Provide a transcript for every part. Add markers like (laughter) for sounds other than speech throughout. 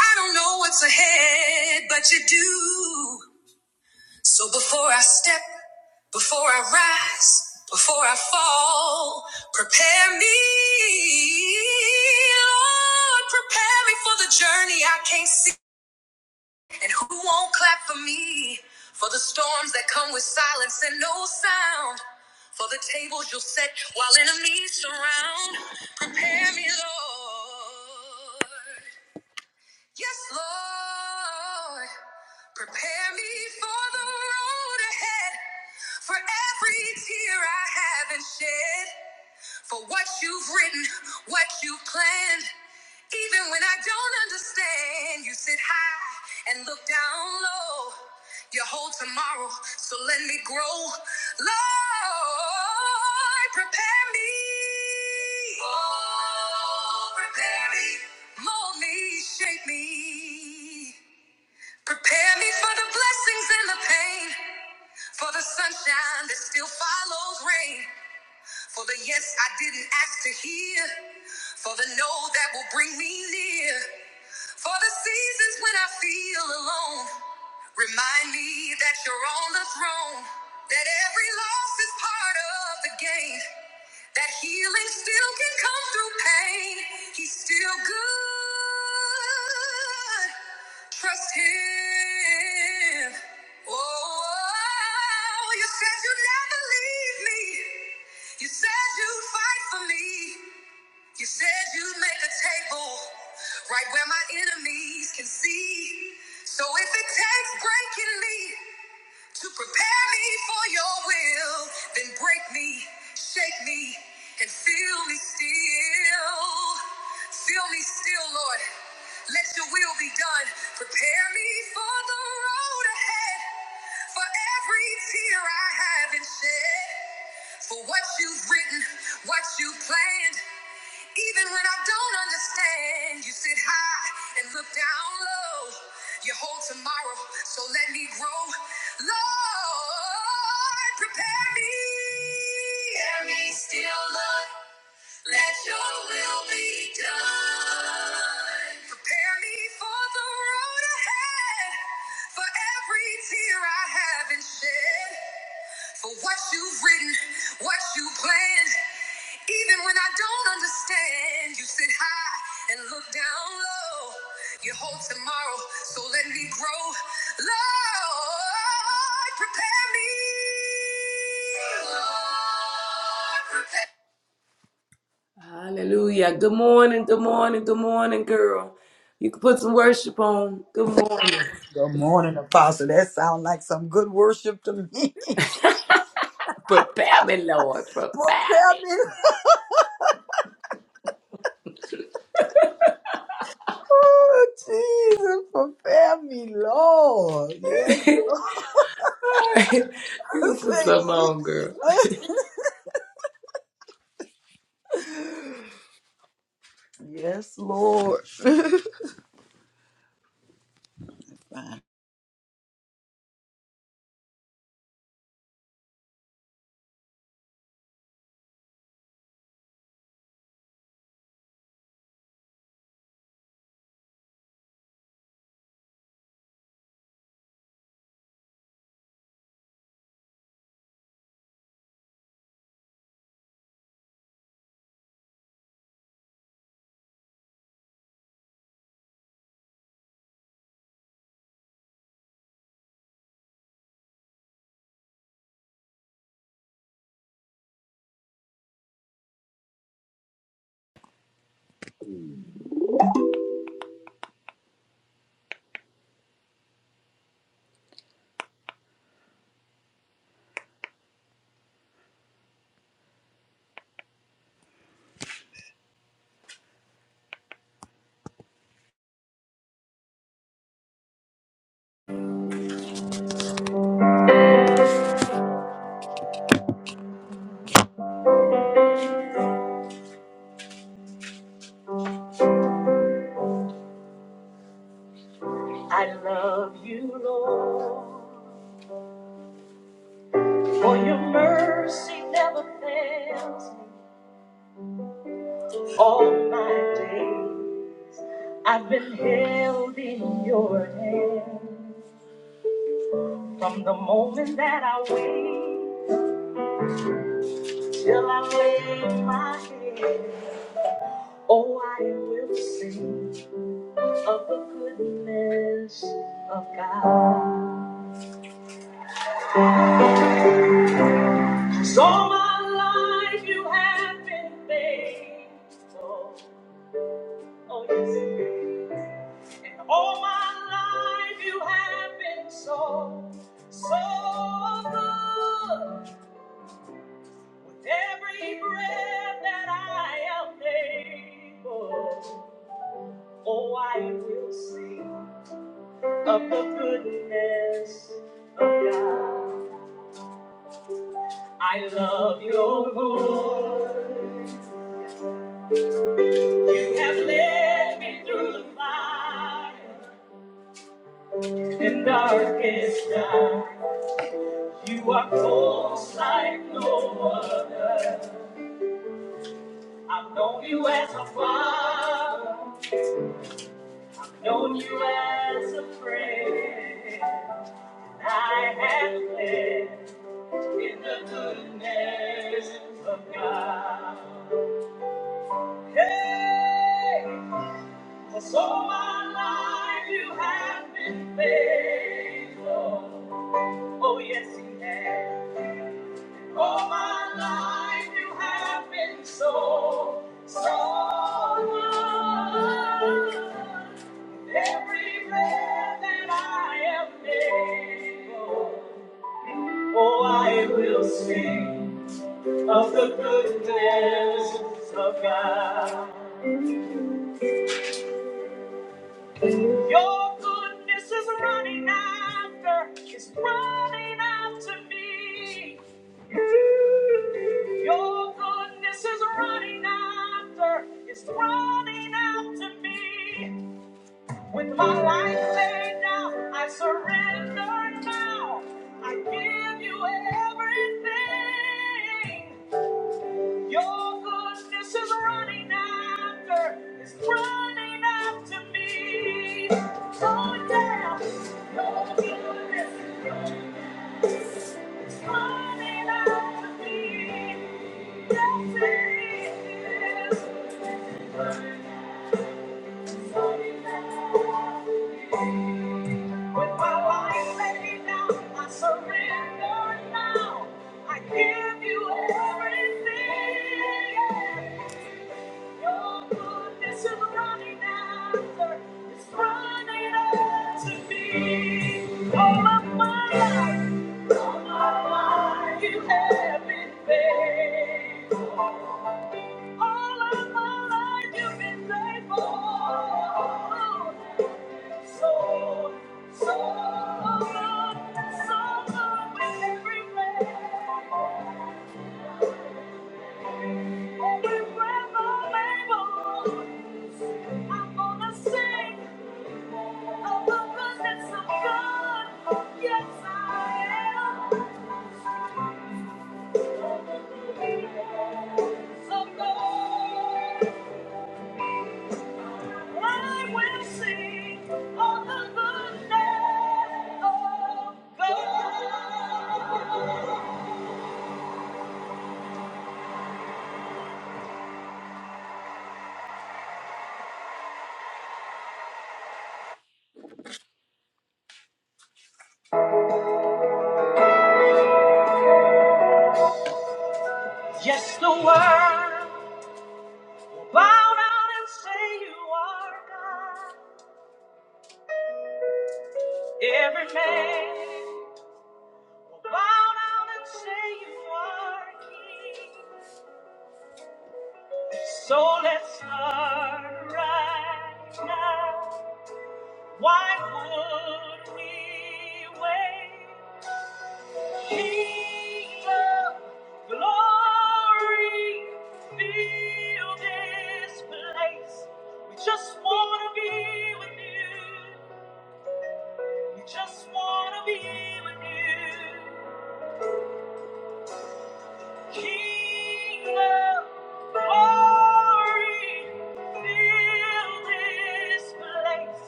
I don't know what's ahead, but you do. So before I step, before I rise, before I fall, prepare me. Lord, prepare me for the journey I can't see. And who won't clap for me? For the storms that come with silence and no sound. For the tables you'll set while enemies surround. Prepare me, Lord. Yes, Lord, prepare me for the road ahead, for every tear I haven't shed for what you've written, what you've planned. Even when I don't understand, you sit high and look down low. You hold tomorrow, so let me grow. Lord, prepare me. Oh, prepare me. Mold me, shape me. Prepare me for the blessings and the pain, for the sunshine that still follows rain. For the yes I didn't ask to hear, for the no that will bring me near, for the seasons when I feel alone. Remind me that you're on the throne, that every loss is part of the game. That healing still can come through pain. He's still good. Trust him. Oh, oh, oh. you said you'd never leave me. You said you'd fight for me. You said you'd make a table right where my enemies can see. So if it takes breaking me, to prepare me for your will, then break me, shake me, and fill me still. Fill me still, Lord. Let your will be done. Prepare me for the road ahead, for every tear I haven't shed, for what you've written, what you planned. Even when I don't understand, you sit high and look down low. You hold tomorrow, so let me grow. Lord, prepare me. Prepare me still, Lord. Let your will be done. Prepare me for the road ahead, for every tear I haven't shed. For what you've written, what you planned, even when I don't understand, you sit high and look down low. You hold tomorrow, so let me grow. Lord, prepare me. Lord, prepare- Hallelujah. Good morning, good morning, good morning, girl. You can put some worship on. Good morning. Good morning, Apostle. That sounds like some good worship to me. (laughs) prepare Prepare me, Lord. Prepare me, me. oh, Jesus, prepare me, Lord. Yes, (laughs) Lord. (laughs) you can (laughs) put Say, something on, girl. Jesus. yes, Lord. (laughs) I love you, Lord, for your mercy never fails me. All my days I've been held in your hand from the moment that I wake. Till I lay my head, oh, I will sing of the goodness of God. 'Cause all my life you have been faithful. Oh, yes. And all my life you have been so, so good. With every breath that I am able, oh, I will sing. of the goodness of God. I love your voice. You have led me through the fire and darkest night. You are close like no other. I've known you as a father, known you as a friend. I have lived in the goodness of God. Hey, for all my life you have been faithful. Oh, yes, you have. All my life you have been so, so good. Every breath that I am able, oh, I will sing of the goodness of God. Your goodness is running after, it's running after me. Your goodness is running after, it's running after me. With my life laid down, I surrender now. I give you everything. Your goodness is running after, is running after me. Oh, yeah. Your goodness, your goodness is running after me. Yes, it is. It's running after me. With my my my life, life, life, now I I surrender. now. I give you you everything. Your goodness is running running after, it's running after me. All of my life, all of have been faithful. All of my life you've been faithful. So, so good, so good with every breath, every breath I'm able. I'm gonna sing of the goodness of God. Yes, I am. So good. I will sing of the goodness of God. Yes, the world will bow down and say you are God. Every man will bow down and say you are King. So let's start right now. Why would we wait? Kingdom, glory, fill this place. We just want to be with you. We just wanna be with you. King of glory, fill this place.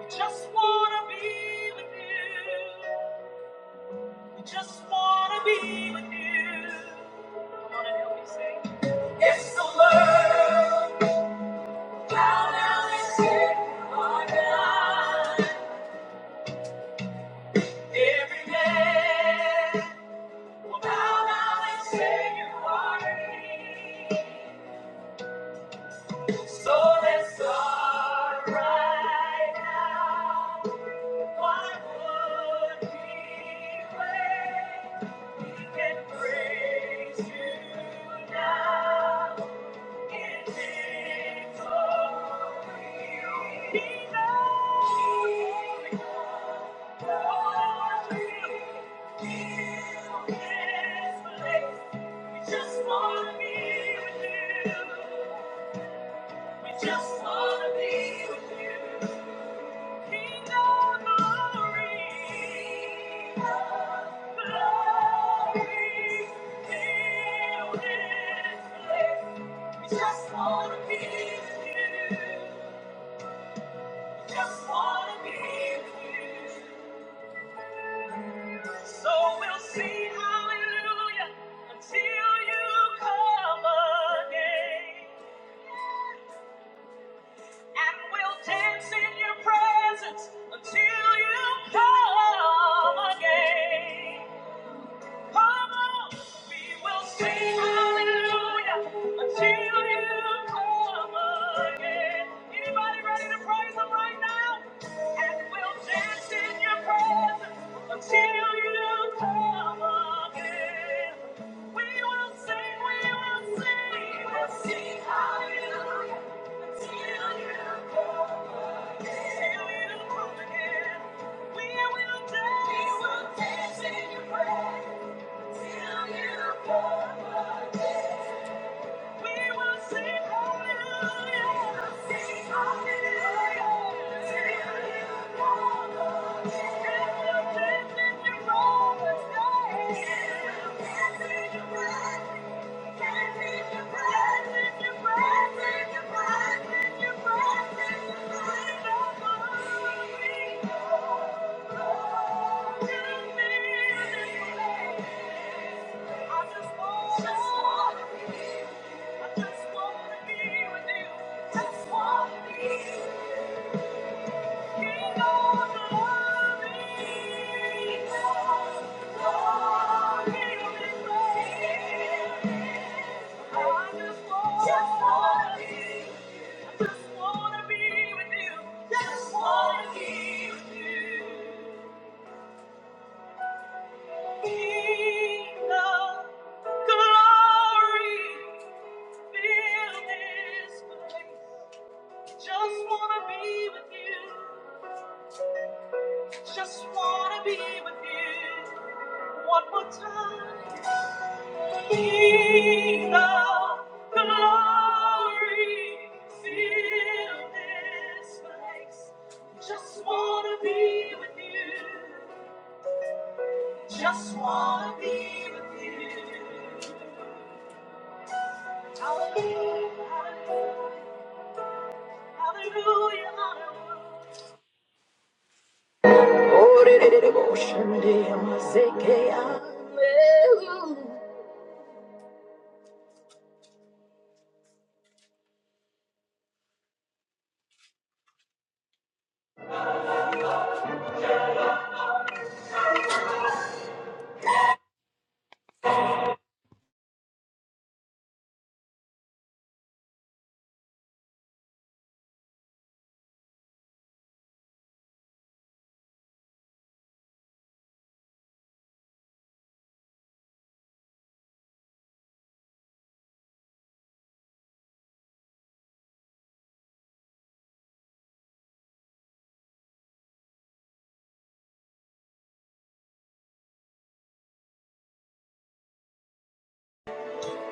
We just wanna be with you. We just wanna be with you. Come on and help me sing. It's the word. Bow down and say, you are God. Every day. Bow down and say you are king. So let's start right now. Why would we wait? We can praise you now. Just wanna be with you. Just wanna be with you. Just wanna be with you. So we'll see hallelujah until you come again. And we'll dance in your presence until you come again. Come on, we will sing hallelujah until you come again. Anybody ready to praise Him right now? And we'll dance in your presence until you come again. We will sing, we will sing, we will sing hallelujah until you come again. Until you come again, we will dance, we will dance in your presence. Till you come again? I just Thank you. Just wanna be with you. Be the glory, fill this place. Just wanna be with you. Just wanna be with you. One more time. Be thou glory. Fill this place. Just wanna be with you. Just wanna be with you. Hallelujah. Hallelujah. Hallelujah. hallelujah. Oh, did it, it, it, oh, Shande, I'm a Zekeah.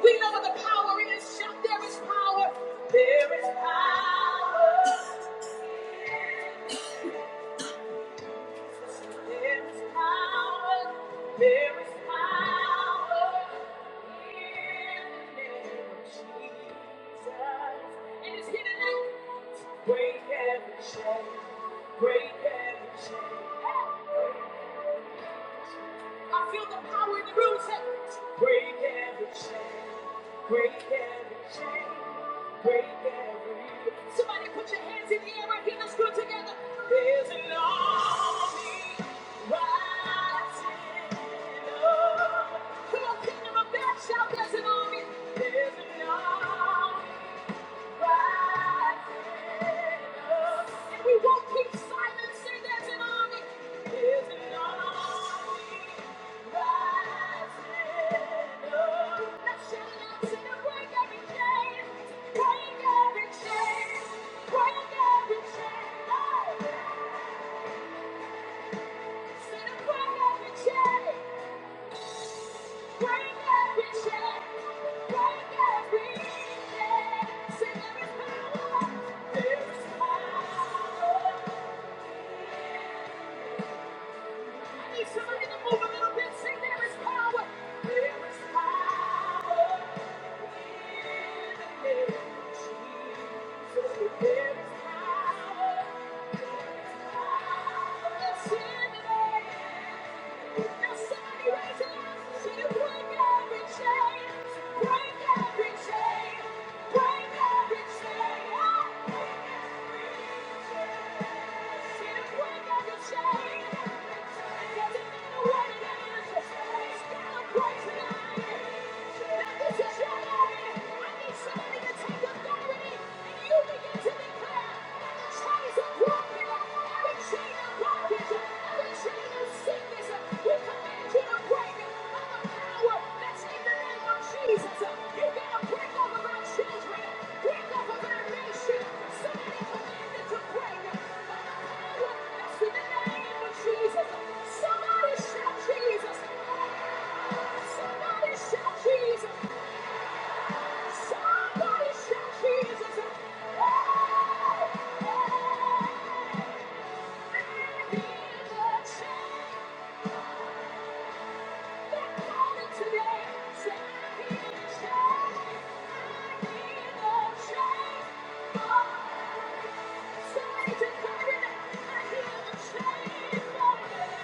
We know what the power is. Shout, there is power. There is power. There is power. There is power. In the name of Jesus. And it's here tonight. Break every chain. Break every chain. I feel the power in the room. Say, break every chain, break every chain, break every. Somebody put your hands in the air right here. Let's do together. There's an army rising up. Come on, kingdom of God, shout! There's an army. There's an army. And we won't keep silent. Say there's an army. There's an army rising up. Let's shout it out. Say it. Break every chain. Break every chain. Break every chain. Oh. Say to Break every chain. Somebody to move a little bit, sing there is power. there is power. there is power. there is power, power. power, power. somebody to move a little bit. Let's sing Thank you. Break every chain. Break off of our nation. Somebody command it to break. Somebody just got it. I hear the chain.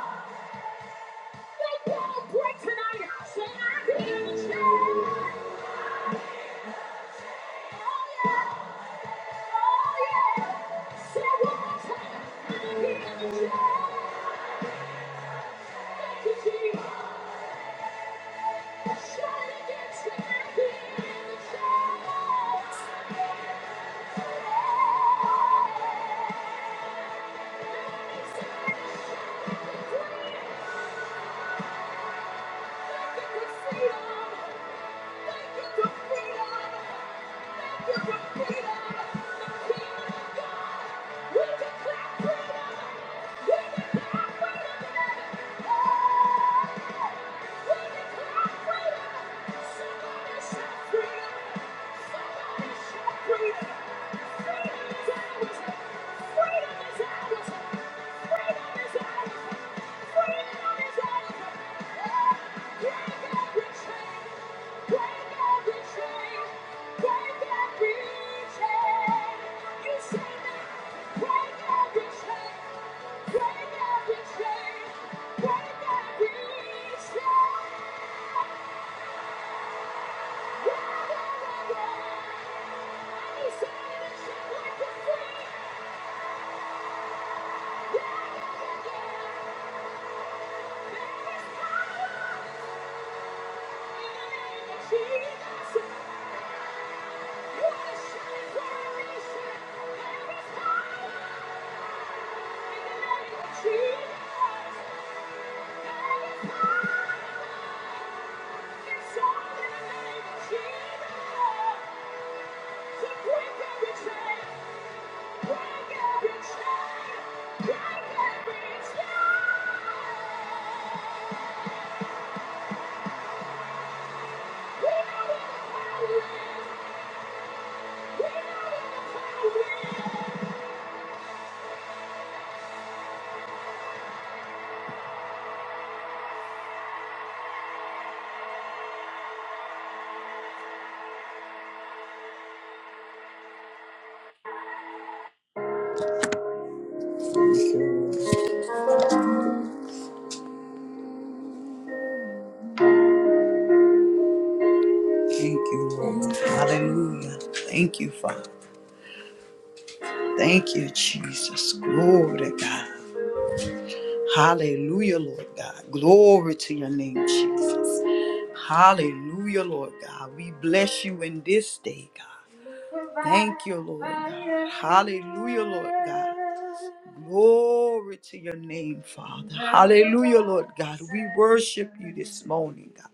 Yeah. Thank you. Thank you. Break every chain. You say that. Break every chain. Break every Jesus! Thank you, Lord. Thank you, Lord. Hallelujah. Thank you, Father. Thank you, Jesus. Glory to God. Hallelujah, Lord God. Glory to your name, Jesus. Hallelujah, Lord God. We bless you in this day, God. Thank you, Lord God. Hallelujah, Lord God. Glory to your name, Father. Hallelujah, Lord God. We worship you this morning, God.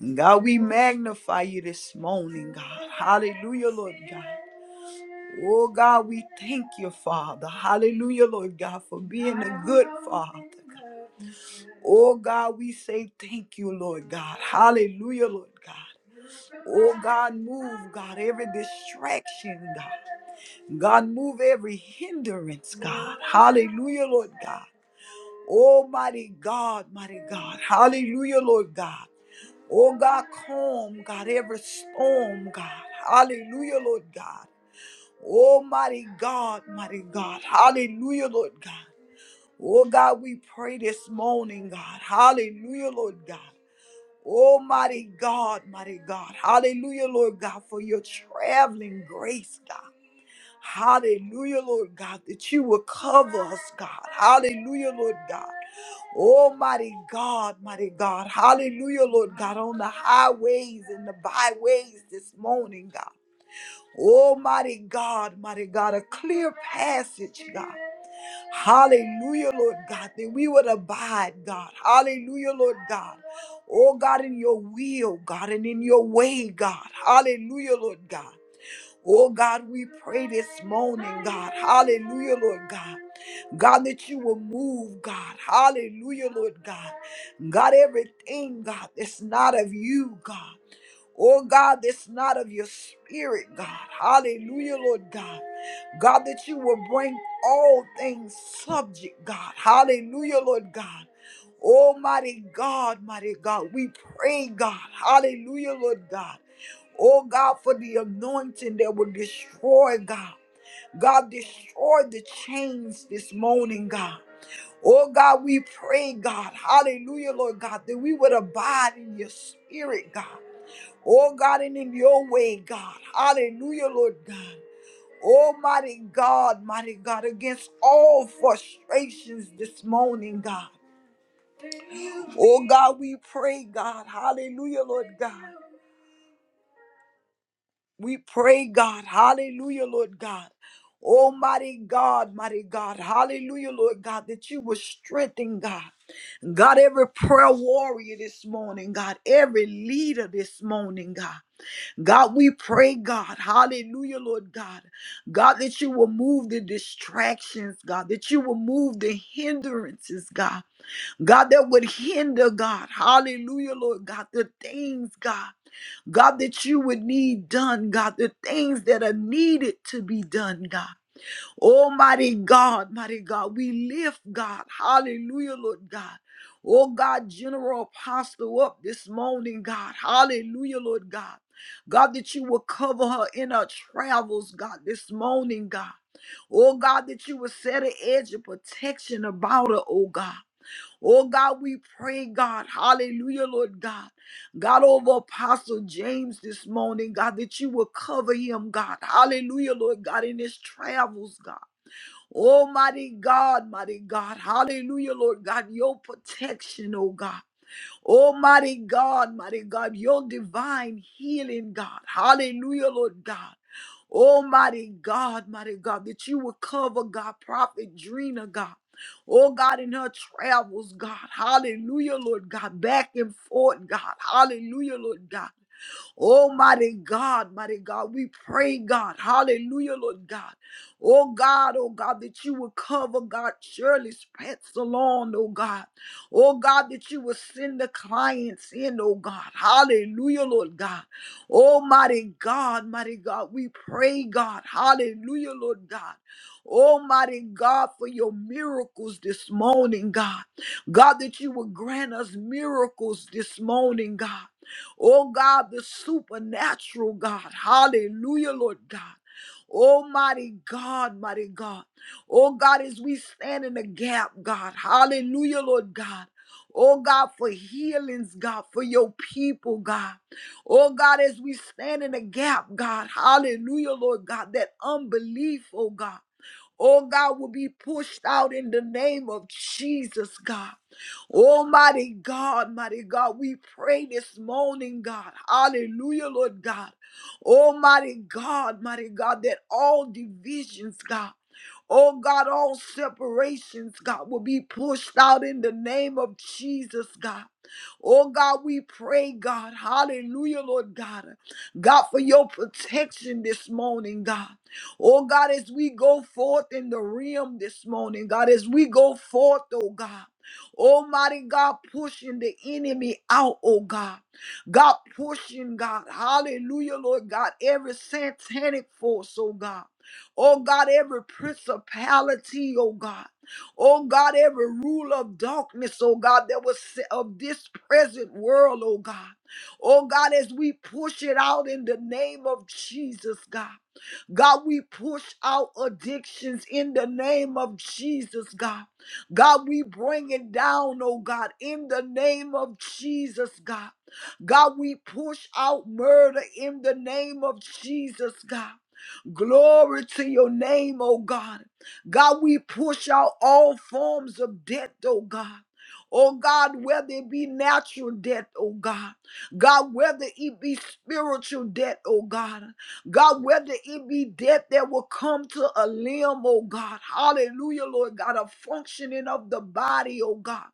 And God, we magnify you this morning, God. Hallelujah, Lord God. Oh, God, we thank you, Father. Hallelujah, Lord God, for being a good Father. God. Oh, God, we say thank you, Lord God. Hallelujah, Lord God. Oh, God, move, God, every distraction, God. God, move every hindrance, God. Hallelujah, Lord God. Almighty God, mighty God. Hallelujah, Lord God. Oh God, calm, God, every storm, God. Hallelujah, Lord God. Almighty God, mighty God. Hallelujah, Lord God. Oh God, we pray this morning, God. Hallelujah, Lord God. Almighty God, mighty God. Hallelujah, Lord God, for your traveling grace, God. Hallelujah, Lord God, that you will cover us, God. Hallelujah, Lord God. Almighty God, mighty God. Hallelujah, Lord God, on the highways and the byways this morning, God. Almighty God, mighty God, a clear passage, God. Hallelujah, Lord God, that we would abide, God. Hallelujah, Lord God. Oh, God, in your will, God, and in your way, God. Hallelujah, Lord God. Oh God, we pray this morning, God. Hallelujah, Lord God. God, that you will move, God. Hallelujah, Lord God. God, everything, God, that's not of you, God. Oh God, that's not of your spirit, God. Hallelujah, Lord God. God, that you will bring all things subject, God. Hallelujah, Lord God. Almighty God, mighty God, we pray, God. Hallelujah, Lord God. Oh God, for the anointing that will destroy God. God, destroy the chains this morning, God. Oh God, we pray, God, hallelujah, Lord God, that we would abide in your spirit, God. Oh God, and in your way, God. Hallelujah, Lord God. Almighty God, mighty God, against all frustrations this morning, God. Oh God, we pray, God. Hallelujah, Lord God. We pray, God. Hallelujah, Lord God. Almighty God, mighty God. Hallelujah, Lord God, that you will strengthen, God. God, every prayer warrior this morning, God, every leader this morning, God. God, we pray, God, hallelujah, Lord God. God, that you will move the distractions, God, that you will move the hindrances, God. God, that would hinder, God. Hallelujah, Lord God, the things, God, God, that you would need done, God, the things that are needed to be done, God. Almighty God, mighty God, we lift, God. Hallelujah, Lord God. Oh God, General Apostle up this morning, God. Hallelujah, Lord God. God, that you will cover her in her travels, God, this morning, God. Oh God, that you will set an edge of protection about her, oh God. Oh God, we pray, God, hallelujah, Lord God. God, over Apostle James this morning, God, that you will cover him, God. Hallelujah, Lord God, in his travels, God. Almighty God, mighty God, hallelujah, Lord God, your protection, oh God. Almighty God, mighty God, your divine healing, God. Hallelujah, Lord God. Almighty God, mighty God, that you would cover God, Prophet Drina, God. Oh God, in her travels, God. Hallelujah, Lord God. Back and forth, God. Hallelujah, Lord God. Almighty God, mighty God, we pray, God, hallelujah, Lord God. Oh God, oh God, that you would cover God Shirley's pets along, oh God. Oh God, that you would send the clients in, oh God. Hallelujah, Lord God. Oh, mighty God, mighty God, we pray, God. Hallelujah, Lord God. Oh, mighty God, for your miracles this morning, God. God, that you would grant us miracles this morning, God. Oh, God, the supernatural, God. Hallelujah, Lord God. Almighty God, mighty God. Oh God, as we stand in the gap, God. Hallelujah, Lord God. Oh God, for healings, God, for your people, God. Oh God, as we stand in the gap, God, hallelujah, Lord God, that unbelief, oh God, oh God, will be pushed out in the name of Jesus, God. Almighty God, mighty God, we pray this morning, God. Hallelujah, Lord God. Almighty God, mighty God, that all divisions, God. Oh God, all separations, God, will be pushed out in the name of Jesus, God. Oh God, we pray, God. Hallelujah, Lord God. God, for your protection this morning, God. Oh God, as we go forth in the realm this morning, God, as we go forth, oh God. Almighty God, pushing the enemy out, oh God. God, pushing God. Hallelujah, Lord God. Every satanic force, oh God. Oh God, every principality, oh God. Oh God, every rule of darkness, oh God, that was set of this present world, oh God. Oh God, as we push it out in the name of Jesus, God. God, we push out addictions in the name of Jesus, God. God, we bring it down, oh God, in the name of Jesus, God. God, we push out murder in the name of Jesus, God. Glory to your name, oh God. God, we push out all forms of debt, oh God. Oh God, whether it be natural debt, oh God. God, whether it be spiritual debt, oh God. God, whether it be debt that will come to a limb, oh God. Hallelujah, Lord God, a functioning of the body, oh God.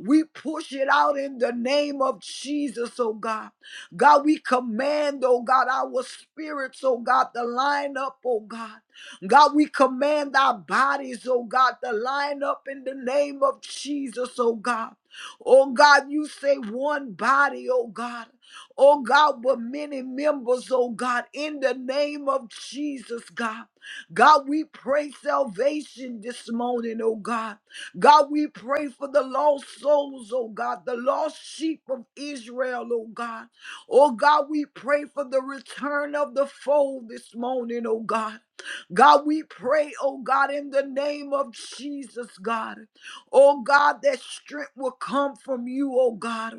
We push it out in the name of Jesus, oh God. God, we command, oh God, our spirits, oh God, to line up, oh God. God, we command our bodies, oh God, to line up in the name of Jesus, oh God. Oh God, you say one body, oh God. Oh God, but many members, oh God, in the name of Jesus, God. God, we pray salvation this morning, oh God. God, we pray for the lost souls, oh God, the lost sheep of Israel, oh God. Oh God, we pray for the return of the fold this morning, oh God. God, we pray, oh God, in the name of Jesus, God. Oh God, that strength will come from you, oh God.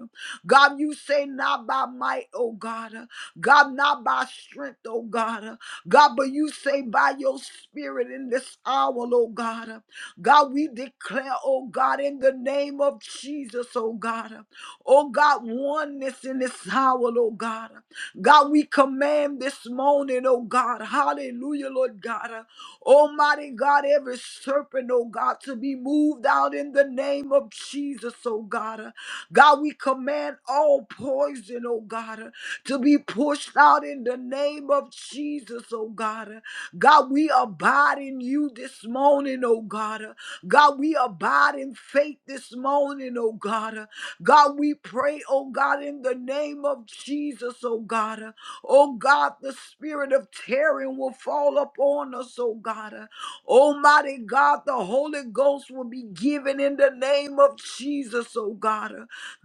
God, you say not by might, oh God. God, not by strength, oh God. God, but you say by your spirit in this hour, oh God. God, we declare, oh God, in the name of Jesus, oh God. Oh God, oneness in this hour, oh God. God, we command this morning, oh God, hallelujah, Lord God. uh, Almighty God, every serpent, oh God, to be moved out in the name of Jesus, oh God. uh, God, we command all poison, oh God, uh, to be pushed out in the name of Jesus, Jesus, oh God. God, we abide in you this morning, oh God. God, we abide in faith this morning, oh God. God, we pray, oh God, in the name of Jesus, oh God. Oh God, the spirit of terror will fall upon us, oh God. Almighty God, the Holy Ghost will be given in the name of Jesus, oh God.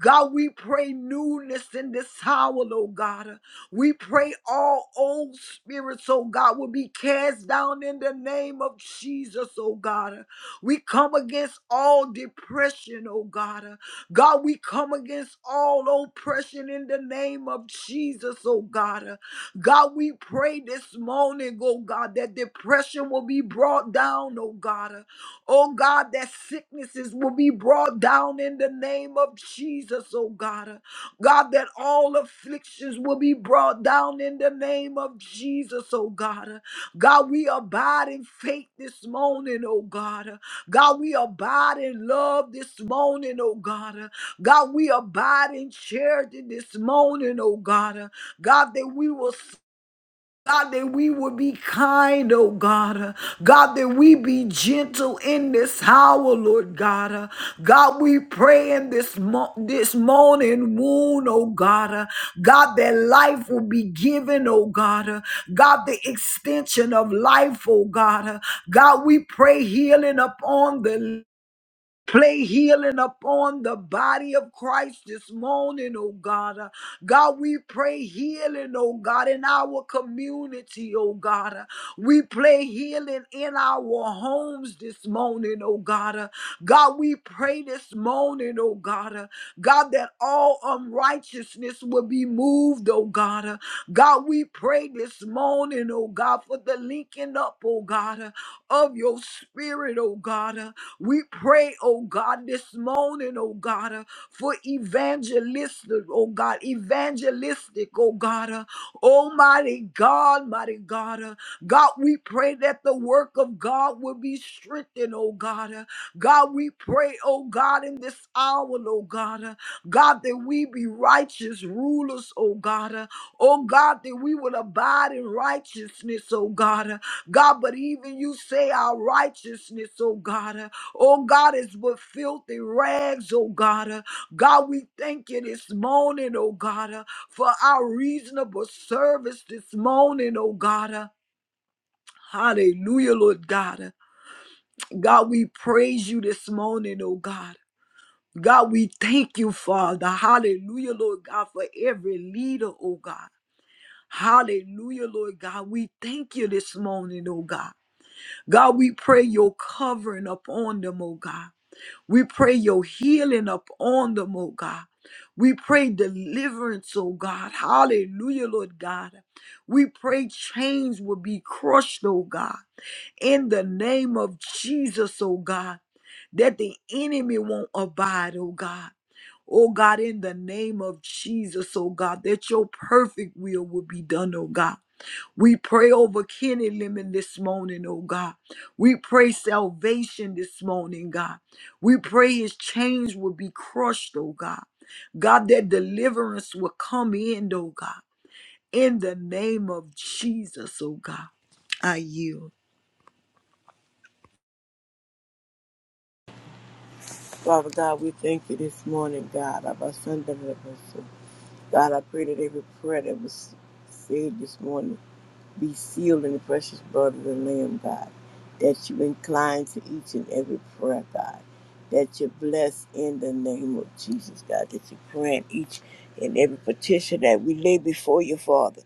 God, we pray newness in this hour, oh God. We pray all old spirits, oh God, will be cast down in the name of Jesus, oh God. We come against all depression, oh God. God, we come against all oppression in the name of Jesus, oh God. God, we pray this morning, oh God, that depression will be brought down, oh God. Oh God, that sicknesses will be brought down in the name of Jesus, oh God. God, that all afflictions will be brought down in the name of Jesus, oh God. God, we abide in faith this morning, oh God. God, we abide in love this morning, oh God. God, we abide in charity this morning, oh God. God, that we will God, that we would be kind, oh God. Uh, God, that we be gentle in this hour, Lord God. Uh, God, we pray in this, mo- this morning wound, oh God. Uh, God, that life will be given, oh God. Uh, God, the extension of life, oh God. Uh, God, we pray healing upon the Play healing upon the body of Christ this morning, oh God. Uh, God, we pray healing, oh God, in our community, oh God. Uh, We pray healing in our homes this morning, oh God. Uh, God, we pray this morning, oh God. Uh, God, that all unrighteousness will be moved, oh God. Uh, God, we pray this morning, oh God, for the linking up, oh God, uh, of your Spirit, oh God. Uh, We pray, oh God, this morning, oh God, uh, for evangelistic, oh God, evangelistic, oh God. Uh, Almighty God, mighty God. Uh, God, we pray that the work of God will be strengthened, oh God. Uh, God, we pray, oh God, in this hour, oh God. Uh, God, that we be righteous rulers, oh God. Uh, Oh God, that we will abide in righteousness, oh God. uh, God, but even you say our righteousness, oh God, uh, oh God, is but filthy rags, oh God. uh, God, we thank you this morning, oh God, uh, for our reasonable service this morning, oh God. uh, Hallelujah, Lord God. uh, God, we praise you this morning, oh God. God, we thank you, Father. Hallelujah, Lord God, for every leader, oh God. Hallelujah, Lord God. We thank you this morning, oh God. God, we pray your covering upon them, oh God. We pray your healing upon them, oh God. We pray deliverance, oh God. Hallelujah, Lord God. We pray chains will be crushed, oh God. In the name of Jesus, oh God, that the enemy won't abide, oh God. Oh God, in the name of Jesus, oh God, that your perfect will will be done, oh God. We pray over Kenny Lemon this morning, oh God. We pray salvation this morning, God. We pray his chains will be crushed, oh God. God, that deliverance will come in, oh God. In the name of Jesus, oh God, I yield. Father God, we thank you this morning, God. our son, David Apostle. God, I pray that every prayer that was said this morning be sealed in the precious blood of the Lamb, God. That you incline to each and every prayer, God. That you bless in the name of Jesus, God. That you grant each and every petition that we lay before you, Father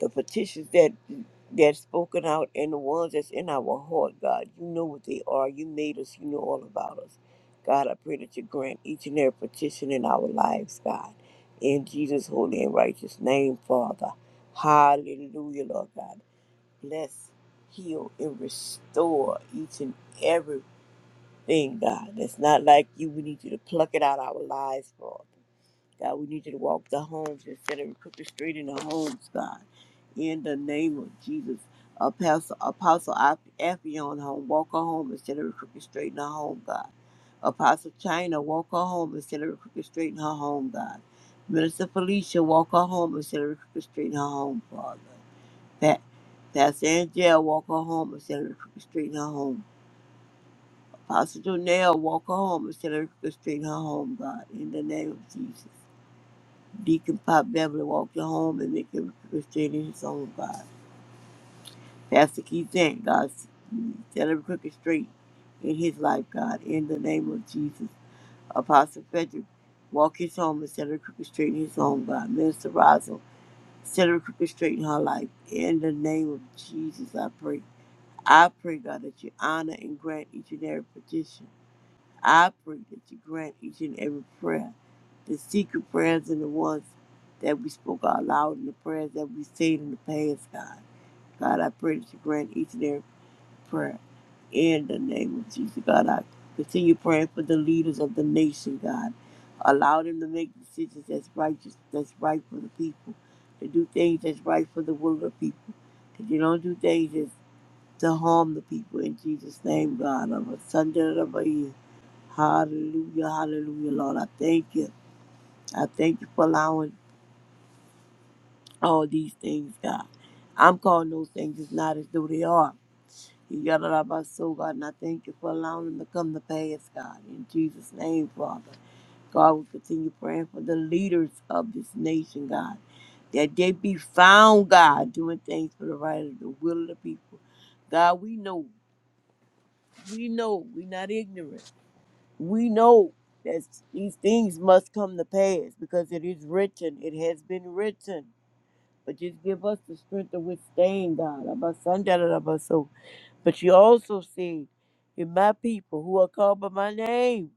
the petitions that that's spoken out and the ones that's in our heart, God. You know what they are. You made us. You know all about us. God, I pray that you grant each and every petition in our lives, God. In Jesus' holy and righteous name, Father. Hallelujah, Lord God. Bless, heal, and restore each and everything, God. That's not like you. We need you to pluck it out our lives, Father. God, we need you to walk the homes instead of crooked street in the homes, God. In the name of Jesus. Apostle, Apostle Ap- home, walk her home instead of crooked straight in her home, God. Apostle China, walk her home instead of crooked straight in her home, God. Minister Felicia, walk her home instead of crooked straight in her home, Father. Pat, Pastor Angel, walk her home instead of crooked straight in her home. Apostle Jonell, walk her home instead of crooked straight in her home, God. In the name of Jesus. Deacon Pop Beverly walk your home and make every crooked straight in his own God. Pastor Keith Zant, God, set every crooked straight in his life, God, in the name of Jesus. Apostle Frederick, walk his home and set every crooked straight in his own God. Minister Rosal, set every crooked straight in her life, in the name of Jesus, I pray. I pray, God, that you honor and grant each and every petition. I pray that you grant each and every prayer, the secret prayers and the ones that we spoke out loud and the prayers that we said in the past, God. God, I pray that you grant each and every prayer in the name of Jesus. God, I continue praying for the leaders of the nation, God. Allow them to make decisions that's righteous, that's right for the people, to do things that's right for the will of people. That you don't do things that's to harm the people in Jesus' name, God. Of a Sunday of a year. Hallelujah, hallelujah, Lord. I thank you. I thank you for allowing all these things, God. I'm calling those things as not as though they are. You got it out of my soul, God, and I thank you for allowing them to come to pass, God. In Jesus' name, Father. God, we continue praying for the leaders of this nation, God. That they be found, God, doing things for the right of the will of the people. God, we know, we know, we're not ignorant. we know that these things must come to pass because it is written. It has been written. But just give us the strength to withstand, God. About Sunday, Abba so. But you also said, if my people who are called by my name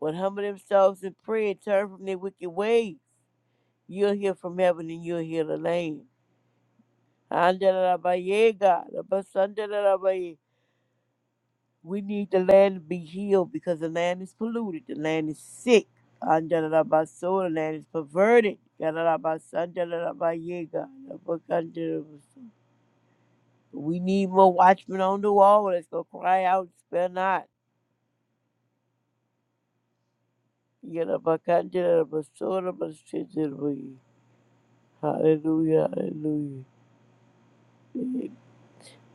would humble themselves and pray and turn from their wicked ways, you'll hear from heaven and you'll hear the land. Andalabaye, God. Abba, son, da, da, da, Abba Sandalabaye. We need the land to be healed because the land is polluted. The land is sick. Andalabaso, the land is perverted. Yadalabasan, dadalabaye, God. Abakandalabaso. We need more watchmen on the wall Let's go cry out, spare not. Yadabakandalabaso, dabasitalabaye. Hallelujah, hallelujah.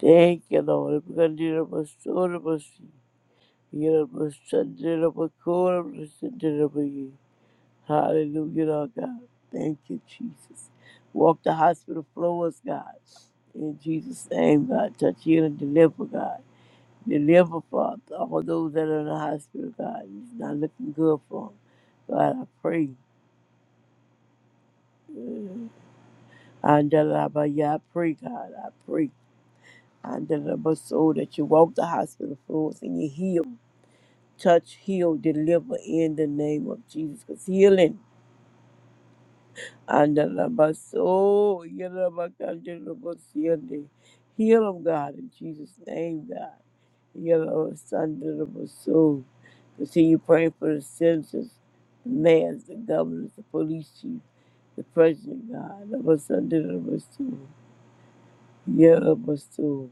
Thank you, Lord. Abakandalabaso, dabasi. Yadabasandalabakorabasidalabaye. Hallelujah, Lord God. Thank you, Jesus. Walk the hospital floors, God. In Jesus' name, God. Touch, heal, and deliver, God. Deliver, Father, all those that are in the hospital, God. It's not looking good for them. God, I pray. Mm. Andalabaya, I pray, God. I pray. Andalabaso, that you walk the hospital floors and you heal. Touch, heal, deliver in the name of Jesus. Because healing Andalabaso, yalabakandalabasiande. Heal him, God, in Jesus' name, God. Yalabasandalabaso. Continue praying for the citizens, the mayors, the governors, the police chief, the president, God. Yalabasandalabaso. Yalabaso.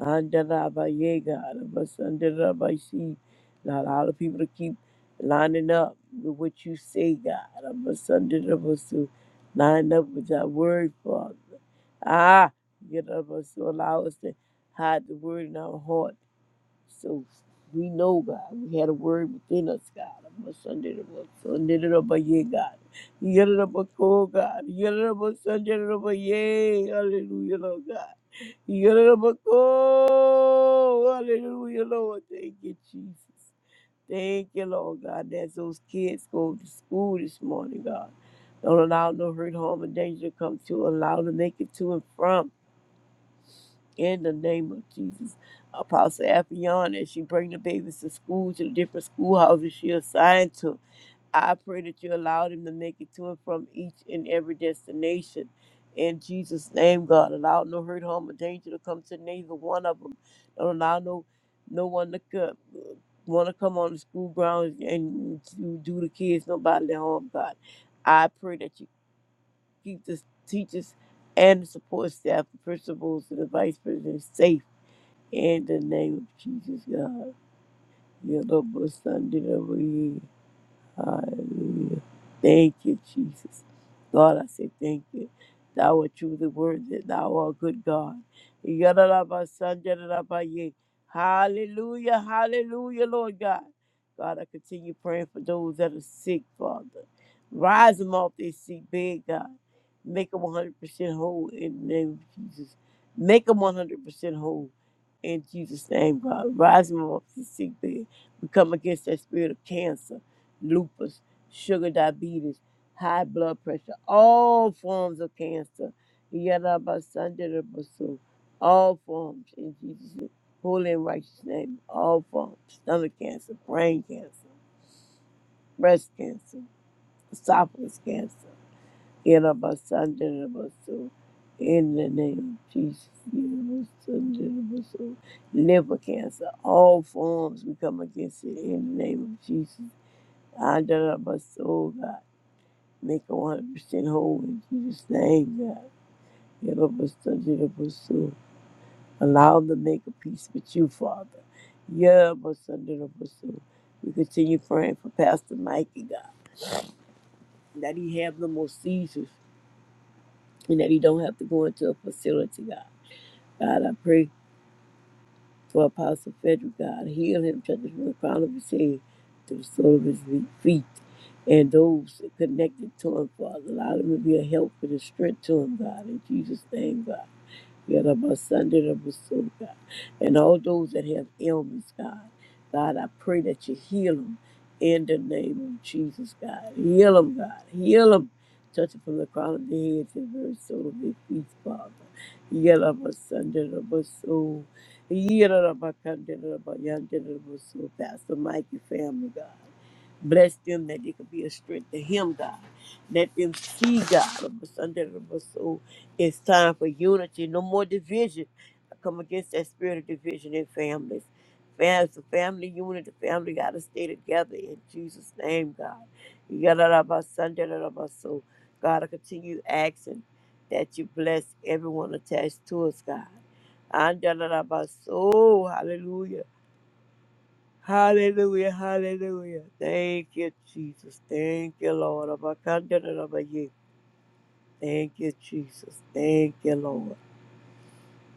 Handaraba, yeah, God, of us under the rabbi, see, Not all the people to keep lining up with what you say, God, of us under the rabbi, to line up with that word, Father. Ah, get up us to allow us to hide the word in our heart so we know, God, we had a word within us, God. Of Sunday of us, Sunday it a year, God. You get it up a cold, God. Yellow of a Sunday of a year. Hallelujah, Lord God. You get it up a cold. Hallelujah, Lord. Thank you, Jesus. Thank you, Lord God, that those kids go to school this morning, God. Don't allow no hurt, harm, or danger to come to. Allow them to make it to and from. In the name of Jesus, Apostle Appion, as she bring the babies to school, to the different schoolhouses she assigned to, I pray that you allow them to make it to and from each and every destination. In Jesus' name, God, allow no hurt, harm, or danger to come to neither one of them. Don't allow no no one to come, want to come on the school grounds and to do the kids no bodily harm. God, I pray that you keep the teachers and the support staff, the principals, and the vice president safe in the name of Jesus, God. Yellow Sunday over here. Hallelujah. Thank you, Jesus. Lord, I say thank you. Thou art truly worthy. Thou art good God. Yadalaba, sandalaba, yea. Hallelujah. Hallelujah, Lord God. God, I continue praying for those that are sick, Father. Rise them off their seat, bed, God. Make them 100% whole in the name of Jesus. Make them 100% whole in Jesus' name, God. Rise them off their seat, bed. We come against that spirit of cancer lupus, sugar diabetes, high blood pressure, all forms of cancer. Yarabasanjarabasu, All forms in Jesus' holy and righteous name. All forms. Stomach cancer, brain cancer, breast cancer, esophagus cancer. Yarabasanjarabasu, In the name of Jesus. Yarabasanjarabasu, Liver cancer, all forms we come against it in the name of Jesus. Andarabasu, Make her 100% whole in Jesus' name, God. Help us under the pursue. Allow them to make a peace with you, Father. Yeah, but under the pursue. We continue praying for Pastor Mikey, God, that he have no more seizures and that he don't have to go into a facility, God. God, I pray for Apostle Frederick, God. Heal him, touch him from the crown of his head to the sole of his feet. And those connected to him, Father, allow them to be a help and a strength to him, God. In Jesus' name, God. Yadabasandarabusu, God. And all those that have ailments, God. God, I pray that you heal them in the name of Jesus, God. Heal them, God. Heal them. Touch it from the crown of the head to the very soul of their feet, Father. Yadabasandarabusu. Yadabakandarabayandarabusuu. Pastor Mikey family, God. Bless them that they could be a strength to him, God. Let them see God. It's time for unity, no more division. I come against that spirit of division in families. Fam- It's a family unit. The family got to stay together in Jesus' name, God. You got to about Sunday, about so. God, I continue asking that you bless everyone attached to us, God. And da- da- da- ba- so, hallelujah. Hallelujah, hallelujah. Thank you, Jesus. Thank you, Lord. Abba, kan- da- da- da- ba- Thank you, Jesus. Thank you, Lord.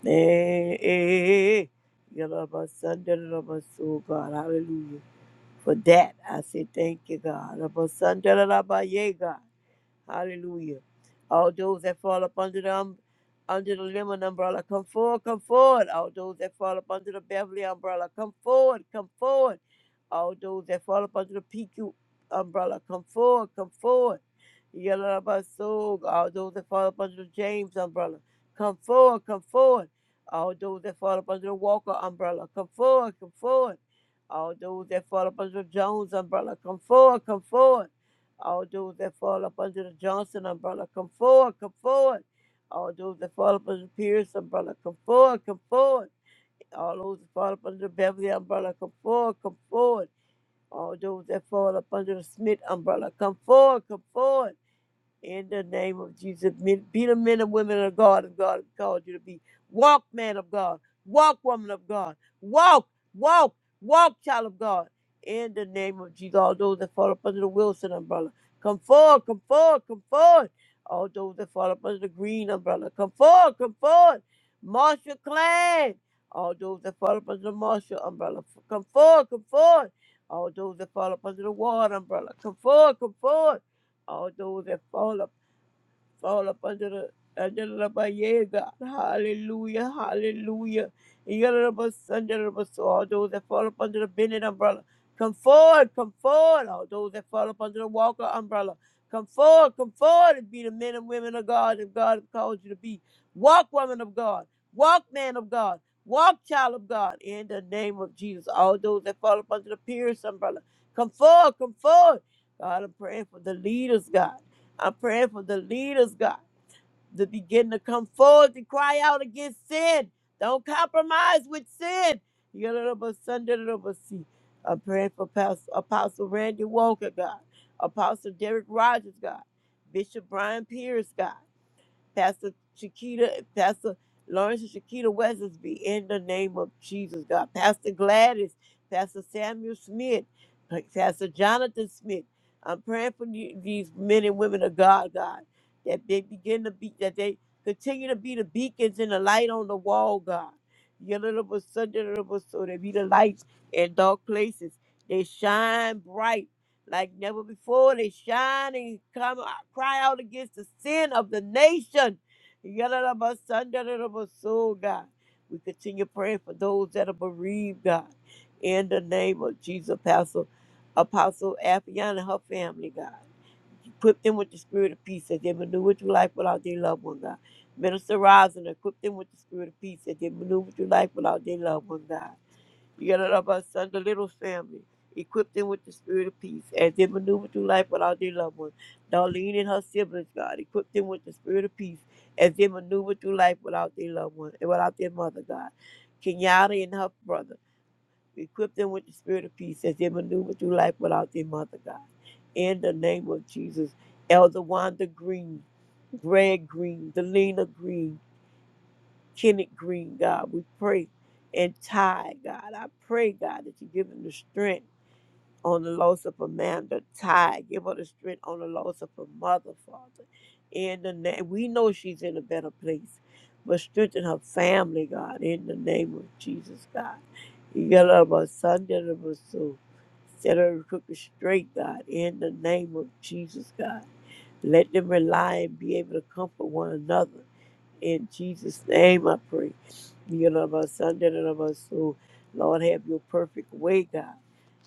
Eh, eh, eh. You're my son, da, da, da, my God. Hallelujah. For that, I say thank you, God. Of my son, da, da, my yeah, God. Hallelujah. All those that fall up under the um, under the lemon umbrella, come forward, come forward. All those that fall up under the Beverly umbrella, come forward, come forward. All those that fall up under the PQ umbrella, come forward, come forward. Yalabasog, all those that fall up under the James umbrella, come forward, come forward. All those that fall up under the Walker umbrella, come forward, come forward. All those that fall up under the Jones umbrella, come forward, come forward. All those that fall up under the Johnson umbrella, come forward, come forward. All those that fall up under the Pierce umbrella, come forward, come forward. All those that fall up under the Beverly umbrella, come forward, come forward. All those that fall up under the Smith umbrella, come forward, come forward. In the name of Jesus, men, be the men and women of God and God has called you to be. Walk, man of God. Walk, woman of God. Walk, walk, walk, child of God. In the name of Jesus, all those that fall up under the Wilson umbrella, come forward, come forward, come forward. All those that fall up under the Green umbrella, come forward, come forward. Marshall Clan, all those that fall up under the Marshall umbrella, f- come forward, come forward. All those that fall up under the Ward umbrella, come forward, come forward all those that fall up fall up under the under the by yeah, God. Hallelujah. Hallelujah. Yalabas under the so all those that fall up under the Bennett umbrella. Come forward, come forward, all those that fall up under the Walker umbrella. Come forward, come forward and be the men and women of God that God has called you to be. Walk, woman of God. Walk, man of God. Walk, child of God. In the name of Jesus, all those that fall up under the Pierce umbrella. Come forward, come forward. God, I'm praying for the leaders, God. I'm praying for the leaders, God, to begin to come forward to cry out against sin. Don't compromise with sin. Yadadabasunday. I'm praying for Pastor, Apostle Randy Walker, God, Apostle Derek Rogers, God, Bishop Brian Pierce, God. Pastor Shakita, Pastor Lawrence and Shakita Weathersby, in the name of Jesus, God. Pastor Gladys, Pastor Samuel Smith, Pastor Jonathan Smith. I'm praying for the- these men and women of God, God, that they begin to be, that they continue to be the beacons and the light on the wall, God. Yellow so they be the lights in dark places. They shine bright like never before. They shine and come out, cry out against the sin of the nation. Yadadabasandaradabasoo, God. We continue praying for those that are bereaved, God. In the name of Jesus, Apostle, Apostle Afion and her family, God. Equip them with the spirit of peace that they maneuver through life without their loved one, God. Minister Rosin, equip them with the spirit of peace that they maneuver through life without their loved one, God son, the little family. Equip them with the spirit of peace as they maneuver through life without their loved ones. Darlene and her siblings, God, equip them with the spirit of peace as they maneuver through life without their loved ones and without their mother, God. Kenyatta and her brother, equip them with the spirit of peace as they maneuver through life without their mother, God. In the name of Jesus, Elder Wanda Green, Greg Green, Delina Green, Kenneth Green, God. We pray and Ty, God. I pray, God, that you give him the strength on the loss of Amanda Ty. Give her the strength on the loss of her mother, Father. In the name, we know she's in a better place, but strengthen her family, God, in the name of Jesus, God. You got a lot of son, that of us, soul, set her crooked straight, God, in the name of Jesus, God. Let them rely and be able to comfort one another in Jesus' name I pray. You know about Sunday and about so Lord have your perfect way, God.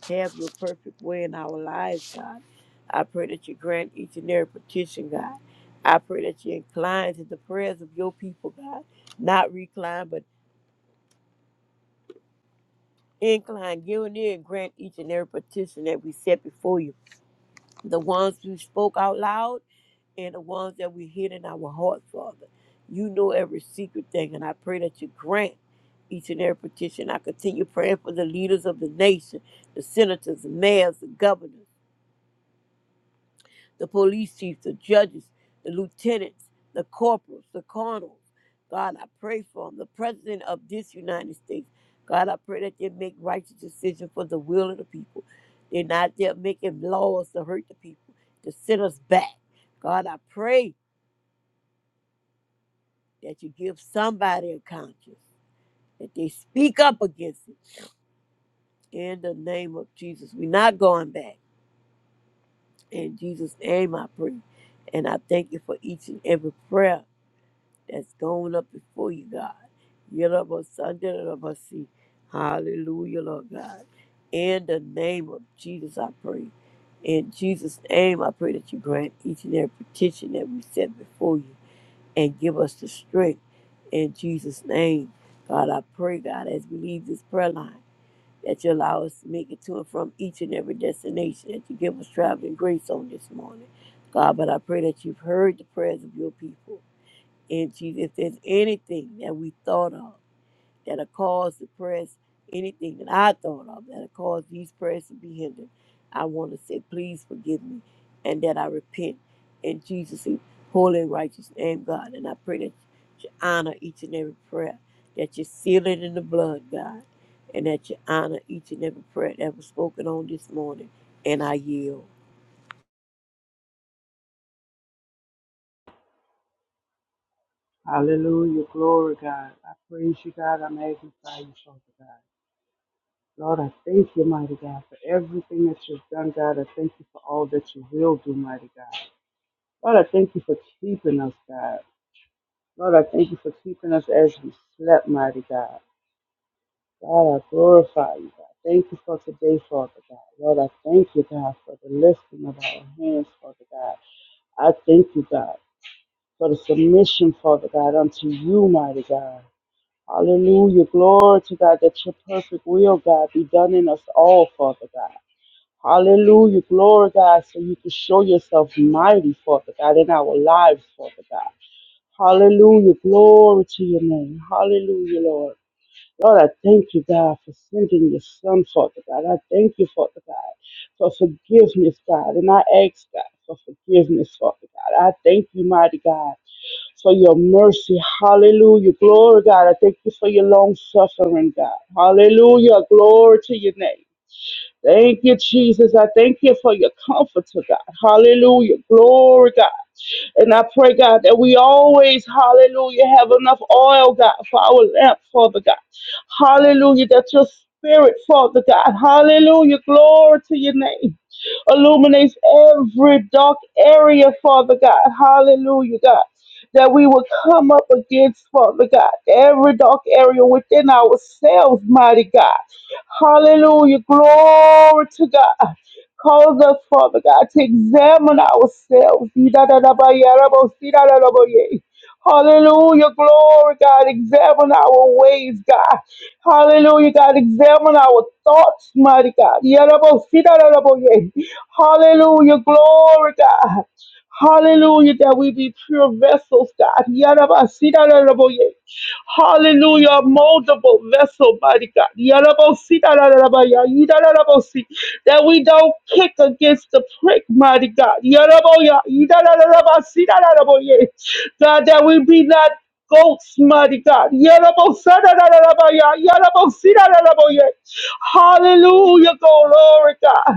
Have your perfect way in our lives, God. I pray that you grant each and every petition, God. I pray that you incline to the prayers of your people, God. Not recline, but incline. Give an ear and grant each and every petition that we set before you. The ones who spoke out loud and the ones that we hid in our hearts, Father. You know every secret thing, and I pray that you grant each and every petition. I continue praying for the leaders of the nation, the senators, the mayors, the governors, the police chiefs, the judges, the lieutenants, the corporals, the colonels. God, I pray for them, the president of this United States. God, I pray that they make righteous decisions for the will of the people. They're not there making laws to hurt the people, to send us back. God, I pray. that you give somebody a conscience, that they speak up against it. In the name of Jesus, we're not going back. In Jesus' name, I pray. And I thank you for each and every prayer that's going up before you, God. Yellow Sunday, see. Hallelujah, Lord God. In the name of Jesus, I pray. In Jesus' name, I pray that you grant each and every petition that we set before you. and give us the strength in Jesus' name. God, I pray, God, as we leave this prayer line, that you allow us to make it to and from each and every destination, that you give us traveling grace on this morning. God, but I pray that you've heard the prayers of your people. And Jesus, if there's anything that we thought of, that will cause the press, anything that I thought of that will cause these prayers to be hindered, I want to say, please forgive me and that I repent in Jesus' holy and righteous name, God. And I pray that you honor each and every prayer, that you seal it in the blood, God, and that you honor each and every prayer that was spoken on this morning. And I yield. Hallelujah. Glory, God. I praise you, God. I magnify you, Father God. Lord, I thank you, mighty God, for everything that you've done, God. I thank you for all that you will do, mighty God. Lord, I thank you for keeping us, God. Lord, I thank you for keeping us as we slept, mighty God. God, I glorify you, God. Thank you for today, Father God. Lord, I thank you, God, for the lifting of our hands, Father God. I thank you, God, for the submission, Father God, unto you, mighty God. Hallelujah. Glory to God that your perfect will, God, be done in us all, Father God. Hallelujah. Glory, God, so you can show yourself mighty, Father God, in our lives, Father God. Hallelujah. Glory to your name. Hallelujah, Lord. Lord, I thank you, God, for sending your son, Father God. I thank you, Father God, for forgiveness, God. And I ask, God, for forgiveness, Father God. I thank you, mighty God, for your mercy. Hallelujah. Glory, God. I thank you for your long suffering, God. Hallelujah. Glory to your name. Thank you, Jesus. I thank you for your comfort oh God. Hallelujah. Glory, God. And I pray, God, that we always, hallelujah, have enough oil, God, for our lamp, Father God. Hallelujah. That your spirit, Father God. Hallelujah. Glory to your name illuminates every dark area, Father God. Hallelujah, God. That we will come up against, Father God, every dark area within ourselves, mighty God. Hallelujah. Glory to God. Cause us, Father God, to examine ourselves. Hallelujah. Glory, God. Examine our ways, God. Hallelujah, God. Examine our thoughts, mighty God. Hallelujah. Glory, God. Hallelujah, that we be pure vessels, God. Hallelujah. Moldable vessel, mighty God. Yarabosi, darararabaya, yidarabosi. That we don't kick against the prick, mighty God. Yaraboya, yidarararabasi, dararaboye. God, that we be not goats, mighty God. Yarabosa, darararabaya, yarabosi, dararaboye. Hallelujah. Glory, God.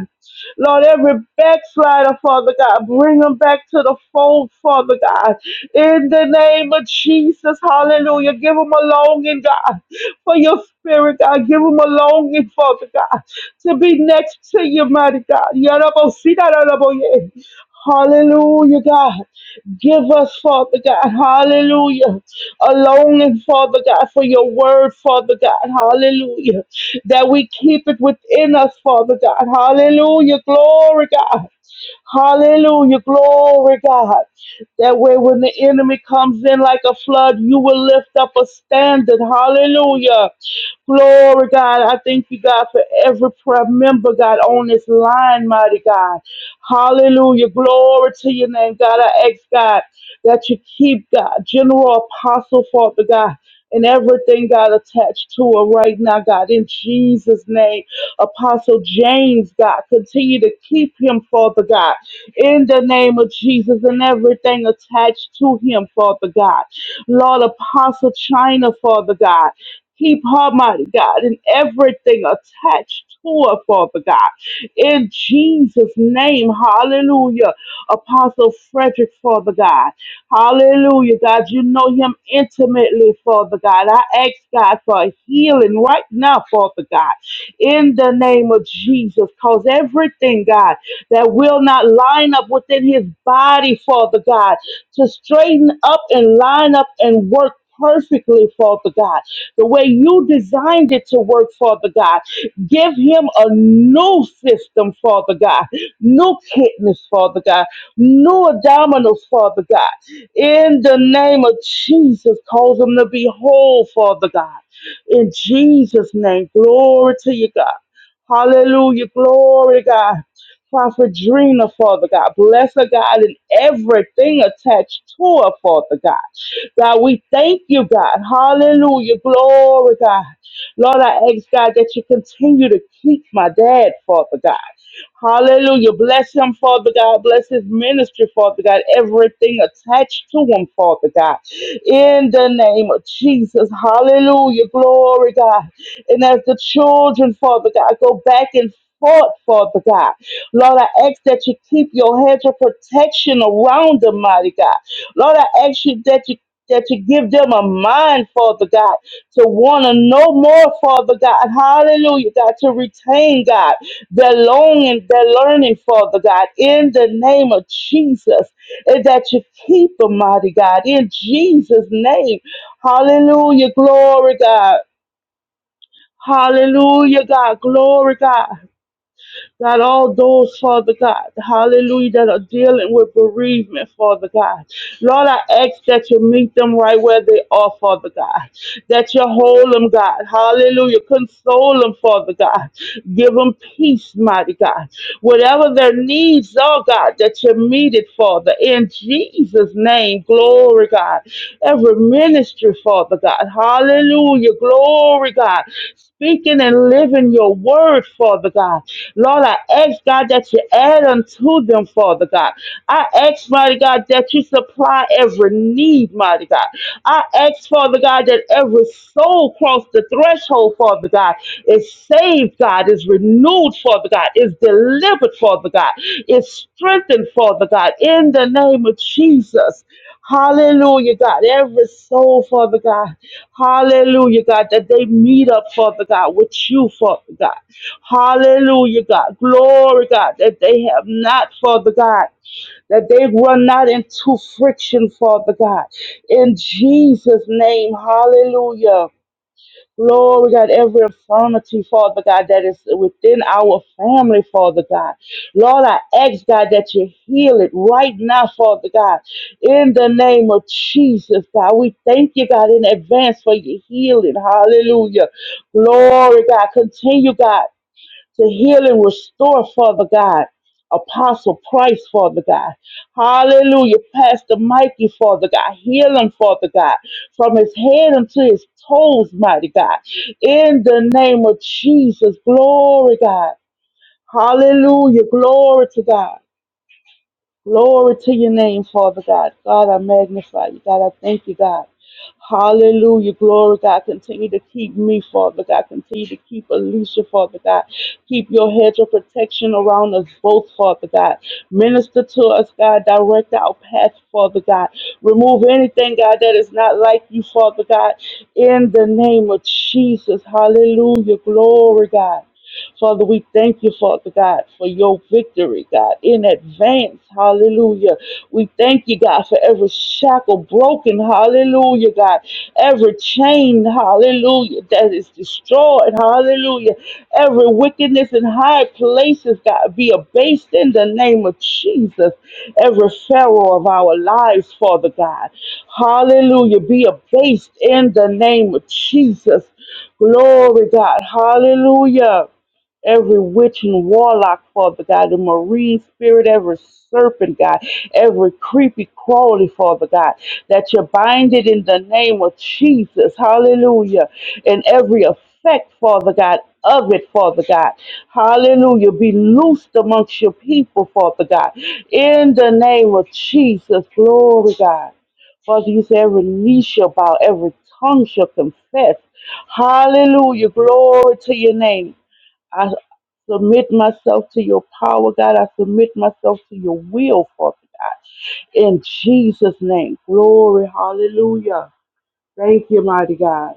Lord, every backslider, Father God, bring them back to the fold, Father God. In the name of Jesus, hallelujah. Give them a longing, God, for your spirit, God. Give them a longing, Father God, to be next to you, mighty God. Yarabosidaraboye. Hallelujah, God. Give us, Father God, hallelujah, a longing, Father God, for your word, Father God, hallelujah, that we keep it within us, Father God, hallelujah, glory, God. Hallelujah. Glory, God. That way, when the enemy comes in like a flood, you will lift up a standard. Hallelujah. Glory, God. I thank you, God, for every prayer member, God, on this line, mighty God. Hallelujah. Glory to your name, God. I ask, God, that you keep, God, General Apostle, Father God, and everything, God, attached to her right now, God, in Jesus' name. Apostle James, God. Continue to keep him, Father God, in the name of Jesus and everything attached to him, Father God. Lord, Apostle China, Father God. Keep her, mighty God, and everything attached to her, Father God. In Jesus' name, hallelujah. Apostle Frederick, Father God. Hallelujah, God. You know him intimately, Father God. I ask God for a healing right now, Father God in the name of Jesus. Cause everything, God, that will not line up within his body, Father God, to straighten up and line up and work perfectly, Father God, the way you designed it to work, Father God. Give him a new system, Father God, new kidneys, Father God, new abdominals, Father God. In the name of Jesus, cause him to be whole, Father God. In Jesus' name, glory to you, God. Hallelujah, glory, God. Prophet Drina, Father God. Bless her, God, and everything attached to her, Father God. God, we thank you, God. Hallelujah, glory, God. Lord, I ask, God, that you continue to keep my dad, Father God. Hallelujah. Bless him, Father God. Bless his ministry, Father God. Everything attached to him, Father God. In the name of Jesus. Hallelujah. Glory, God. And as the children, Father God, go back and forth, Father God. Lord, I ask that you keep your hedge of protection around them, mighty God. Lord, I ask you that you that you give them a mind, Father God, to want to know more, Father God. Hallelujah, God, to retain, God. They're longing, they're learning, Father God, in the name of Jesus, and that you keep them, mighty God, in Jesus' name. Hallelujah, glory, God. Hallelujah, God, glory, God. God, all those, Father God, hallelujah, that are dealing with bereavement, Father God. Lord, I ask that you meet them right where they are, Father God. That you hold them, God, hallelujah. Console them, Father God. Give them peace, mighty God. Whatever their needs are, God, that you meet it, Father. In Jesus' name, glory glory, God. Every ministry, Father God. Hallelujah, glory, God. Speaking and living your word, Father God. Lord, I ask, God, that you add unto them, Father God. I ask, mighty God, that you supply every need, mighty God. I ask, Father God, that every soul cross the threshold, Father God is saved, God, is renewed, Father God, is delivered, Father God, is strengthened, Father God, in the name of Jesus. Hallelujah, God. Every soul, Father God. Hallelujah, God, that they meet up, Father God, with you, Father God. Hallelujah, God. Glory, God, that they have not, Father God. That they run not into friction, Father God. In Jesus' name, hallelujah. Lord, we got every infirmity, Father God, that is within our family, Father God. Lord, I ask, God, that you heal it right now, Father God. In the name of Jesus, God, we thank you, God, in advance for your healing. Hallelujah. Glory, God. Continue, God to heal and restore, Father God. Apostle Price, Father God. Hallelujah. Pastor Mikey, Father God. Heal him, Father God, from his head unto his toes, mighty God. In the name of Jesus. Glory, God. Hallelujah. Glory to God. Glory to your name, Father God. God, I magnify you. God, I thank you, God. Hallelujah. Glory, God. Continue to keep me, Father God. Continue to keep Alicia, Father God. Keep your hedge of protection around us both, Father God. Minister to us, God. Direct our path, Father God. Remove anything, God, that is not like you, Father God. In the name of Jesus. Hallelujah. Glory, God. Father, we thank you, Father God, for your victory, God, in advance. Hallelujah. We thank you, God, for every shackle broken. Hallelujah, God. Every chain, hallelujah, that is destroyed. Hallelujah. Every wickedness in high places, God, be abased in the name of Jesus. Every pharaoh of our lives, Father God. Hallelujah. Be abased in the name of Jesus. Glory, God. Hallelujah every witch and warlock, Father God, the marine spirit, every serpent, God, every creepy crawly, Father God, that you bind it in the name of Jesus, hallelujah, and every effect, Father God, of it, Father God, hallelujah, be loosed amongst your people, Father God, in the name of Jesus, glory, God. Father, you say every knee shall bow, every tongue shall confess. Hallelujah. Glory to your name. I submit myself to your power, God. I submit myself to your will, Father God. In Jesus' name, glory, hallelujah. Thank you, mighty God.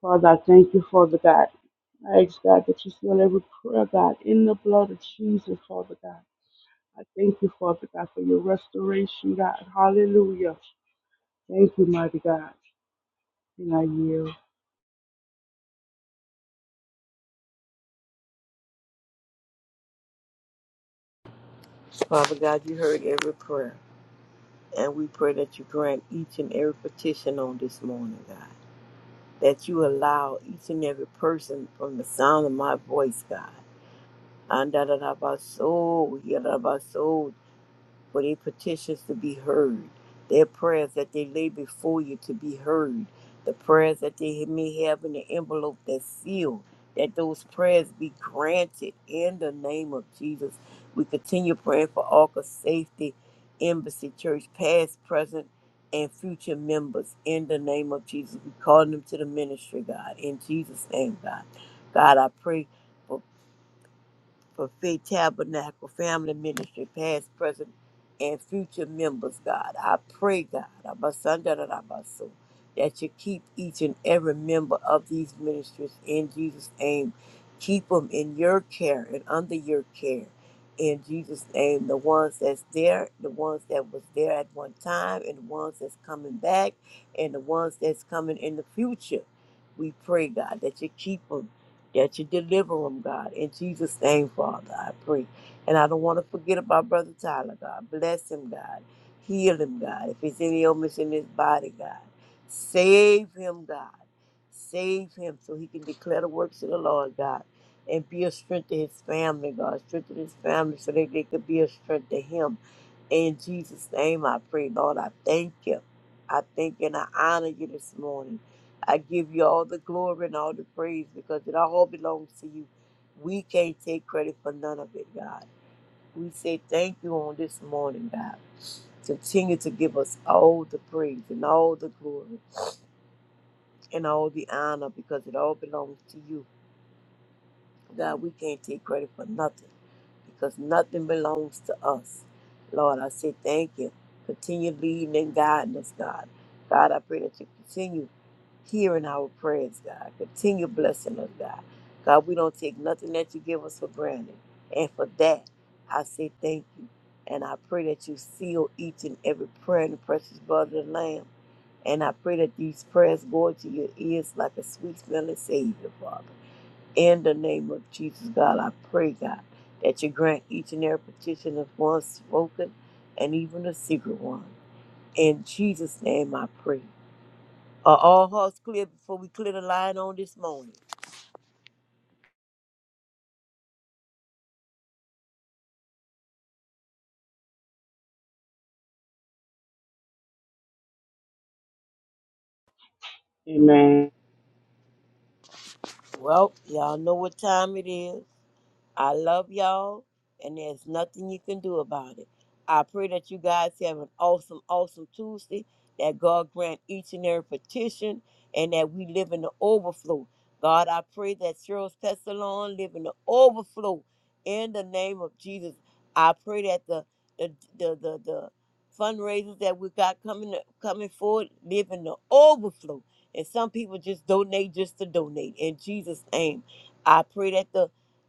Father, I thank you, Father God. I ask God that you seal every prayer, God, in the blood of Jesus, Father God. I thank you, Father God, for your restoration, God. Hallelujah. Thank you, mighty God. And I yield. Father God, you heard every prayer, and we pray that you grant each and every petition on this morning, God. that you allow each and every person from the sound of my voice, God. And da da da ba so, for their petitions to be heard, their prayers that they lay before you to be heard, the prayers that they may have in the envelope that's sealed, that those prayers be granted in the name of Jesus. We continue praying for ARCA safety, Embassy Church, past, present, and future members in the name of Jesus. We call them to the ministry, God, in Jesus' name, God. God, I pray for Faith Tabernacle Family Ministry, past, present, and future members, God. I pray, God, Abasandarabaso, that you keep each and every member of these ministries in Jesus' name. Keep them in your care and under your care. In Jesus' name, the ones that's there, the ones that was there at one time, and the ones that's coming back, and the ones that's coming in the future. We pray, God, that you keep 'em that you deliver him, God. In Jesus' name, Father, I pray. And I don't want to forget about Brother Tyler, God. Bless him, God. Heal him, God. If it's any illness in his body, God, save him, God. Save him so he can declare the works of the Lord, God. And be a strength to his family, God. Strengthen his family so that they could be a strength to him. In Jesus' name, I pray, Lord. I thank you. I thank you and I honor you this morning. I give you all the glory and all the praise because it all belongs to you. We can't take credit for none of it, God. We say thank you on this morning, God. Continue to give us all the praise and all the glory and all the honor because it all belongs to you. God, we can't take credit for nothing because nothing belongs to us. Lord, I say thank you. Continue leading and guiding us, God. God, I pray that you continue. hearing our prayers, God. Continue blessing us, God. God, we don't take nothing that you give us for granted. And for that, I say thank you. And I pray that you seal each and every prayer in the precious blood of the Lamb. And I pray that these prayers go into your ears like a sweet smelling Savior, Father. In the name of Jesus, God, I pray, God, that you grant each and every petition of one spoken and even a secret one. In Jesus' name I pray. Are all hearts clear before we clear the line on this morning? Amen. Well, y'all know what time it is. I love y'all, and there's nothing you can do about it. I pray that you guys have an awesome, awesome Tuesday, that God grant each and every petition, and that we live in the overflow. God, I pray that Cheryl's Pestalon live in the overflow in the name of Jesus. I pray that the the the the, the fundraisers that we got coming coming forward live in the overflow. And some people just donate just to donate. In Jesus' name. I pray that the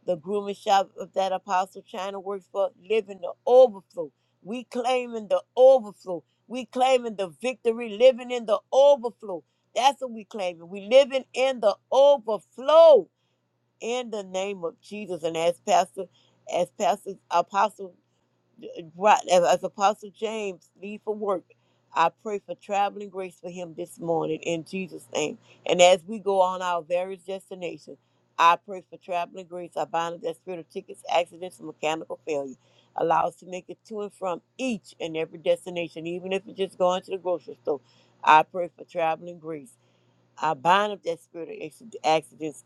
the grooming shop of that apostle China works for, living the overflow. We claiming the overflow. We claiming the victory, living in the overflow. That's what we claiming. We living in the overflow in the name of Jesus. And as Pastor, as Pastor Apostle Right, as, as Apostle James leave for work, I pray for traveling grace for him this morning in Jesus' name. And as we go on our various destinations, I pray for traveling grace. I bind up that spirit of tickets, accidents, and mechanical failure. Allow us to make it to and from each and every destination, even if it's just going to the grocery store. I pray for traveling grace. I bind up that spirit of accidents,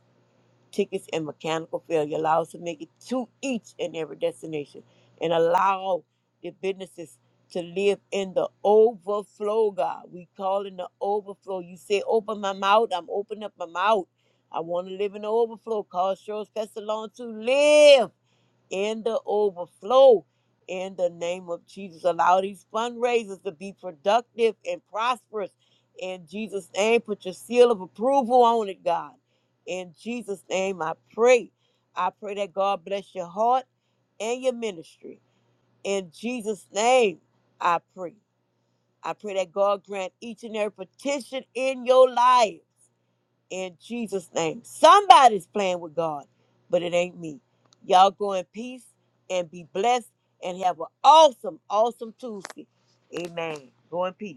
tickets and mechanical failure. Allow us to make it to each and every destination and allow the businesses to live in the overflow, God. We call in the overflow. You say, open my mouth. I'm opening up my mouth. I want to live in the overflow. Cause Cheryl's Pestalon to live in the overflow in the name of Jesus. Allow these fundraisers to be productive and prosperous in Jesus' name. Put your seal of approval on it, God. In Jesus' name, I pray. I pray that God bless your heart and your ministry. In Jesus' name, I pray. I pray that God grant each and every petition in your life in Jesus' name. Somebody's playing with God, but it ain't me. Y'all go in peace and be blessed and have an awesome, awesome Tuesday. Amen. Go in peace.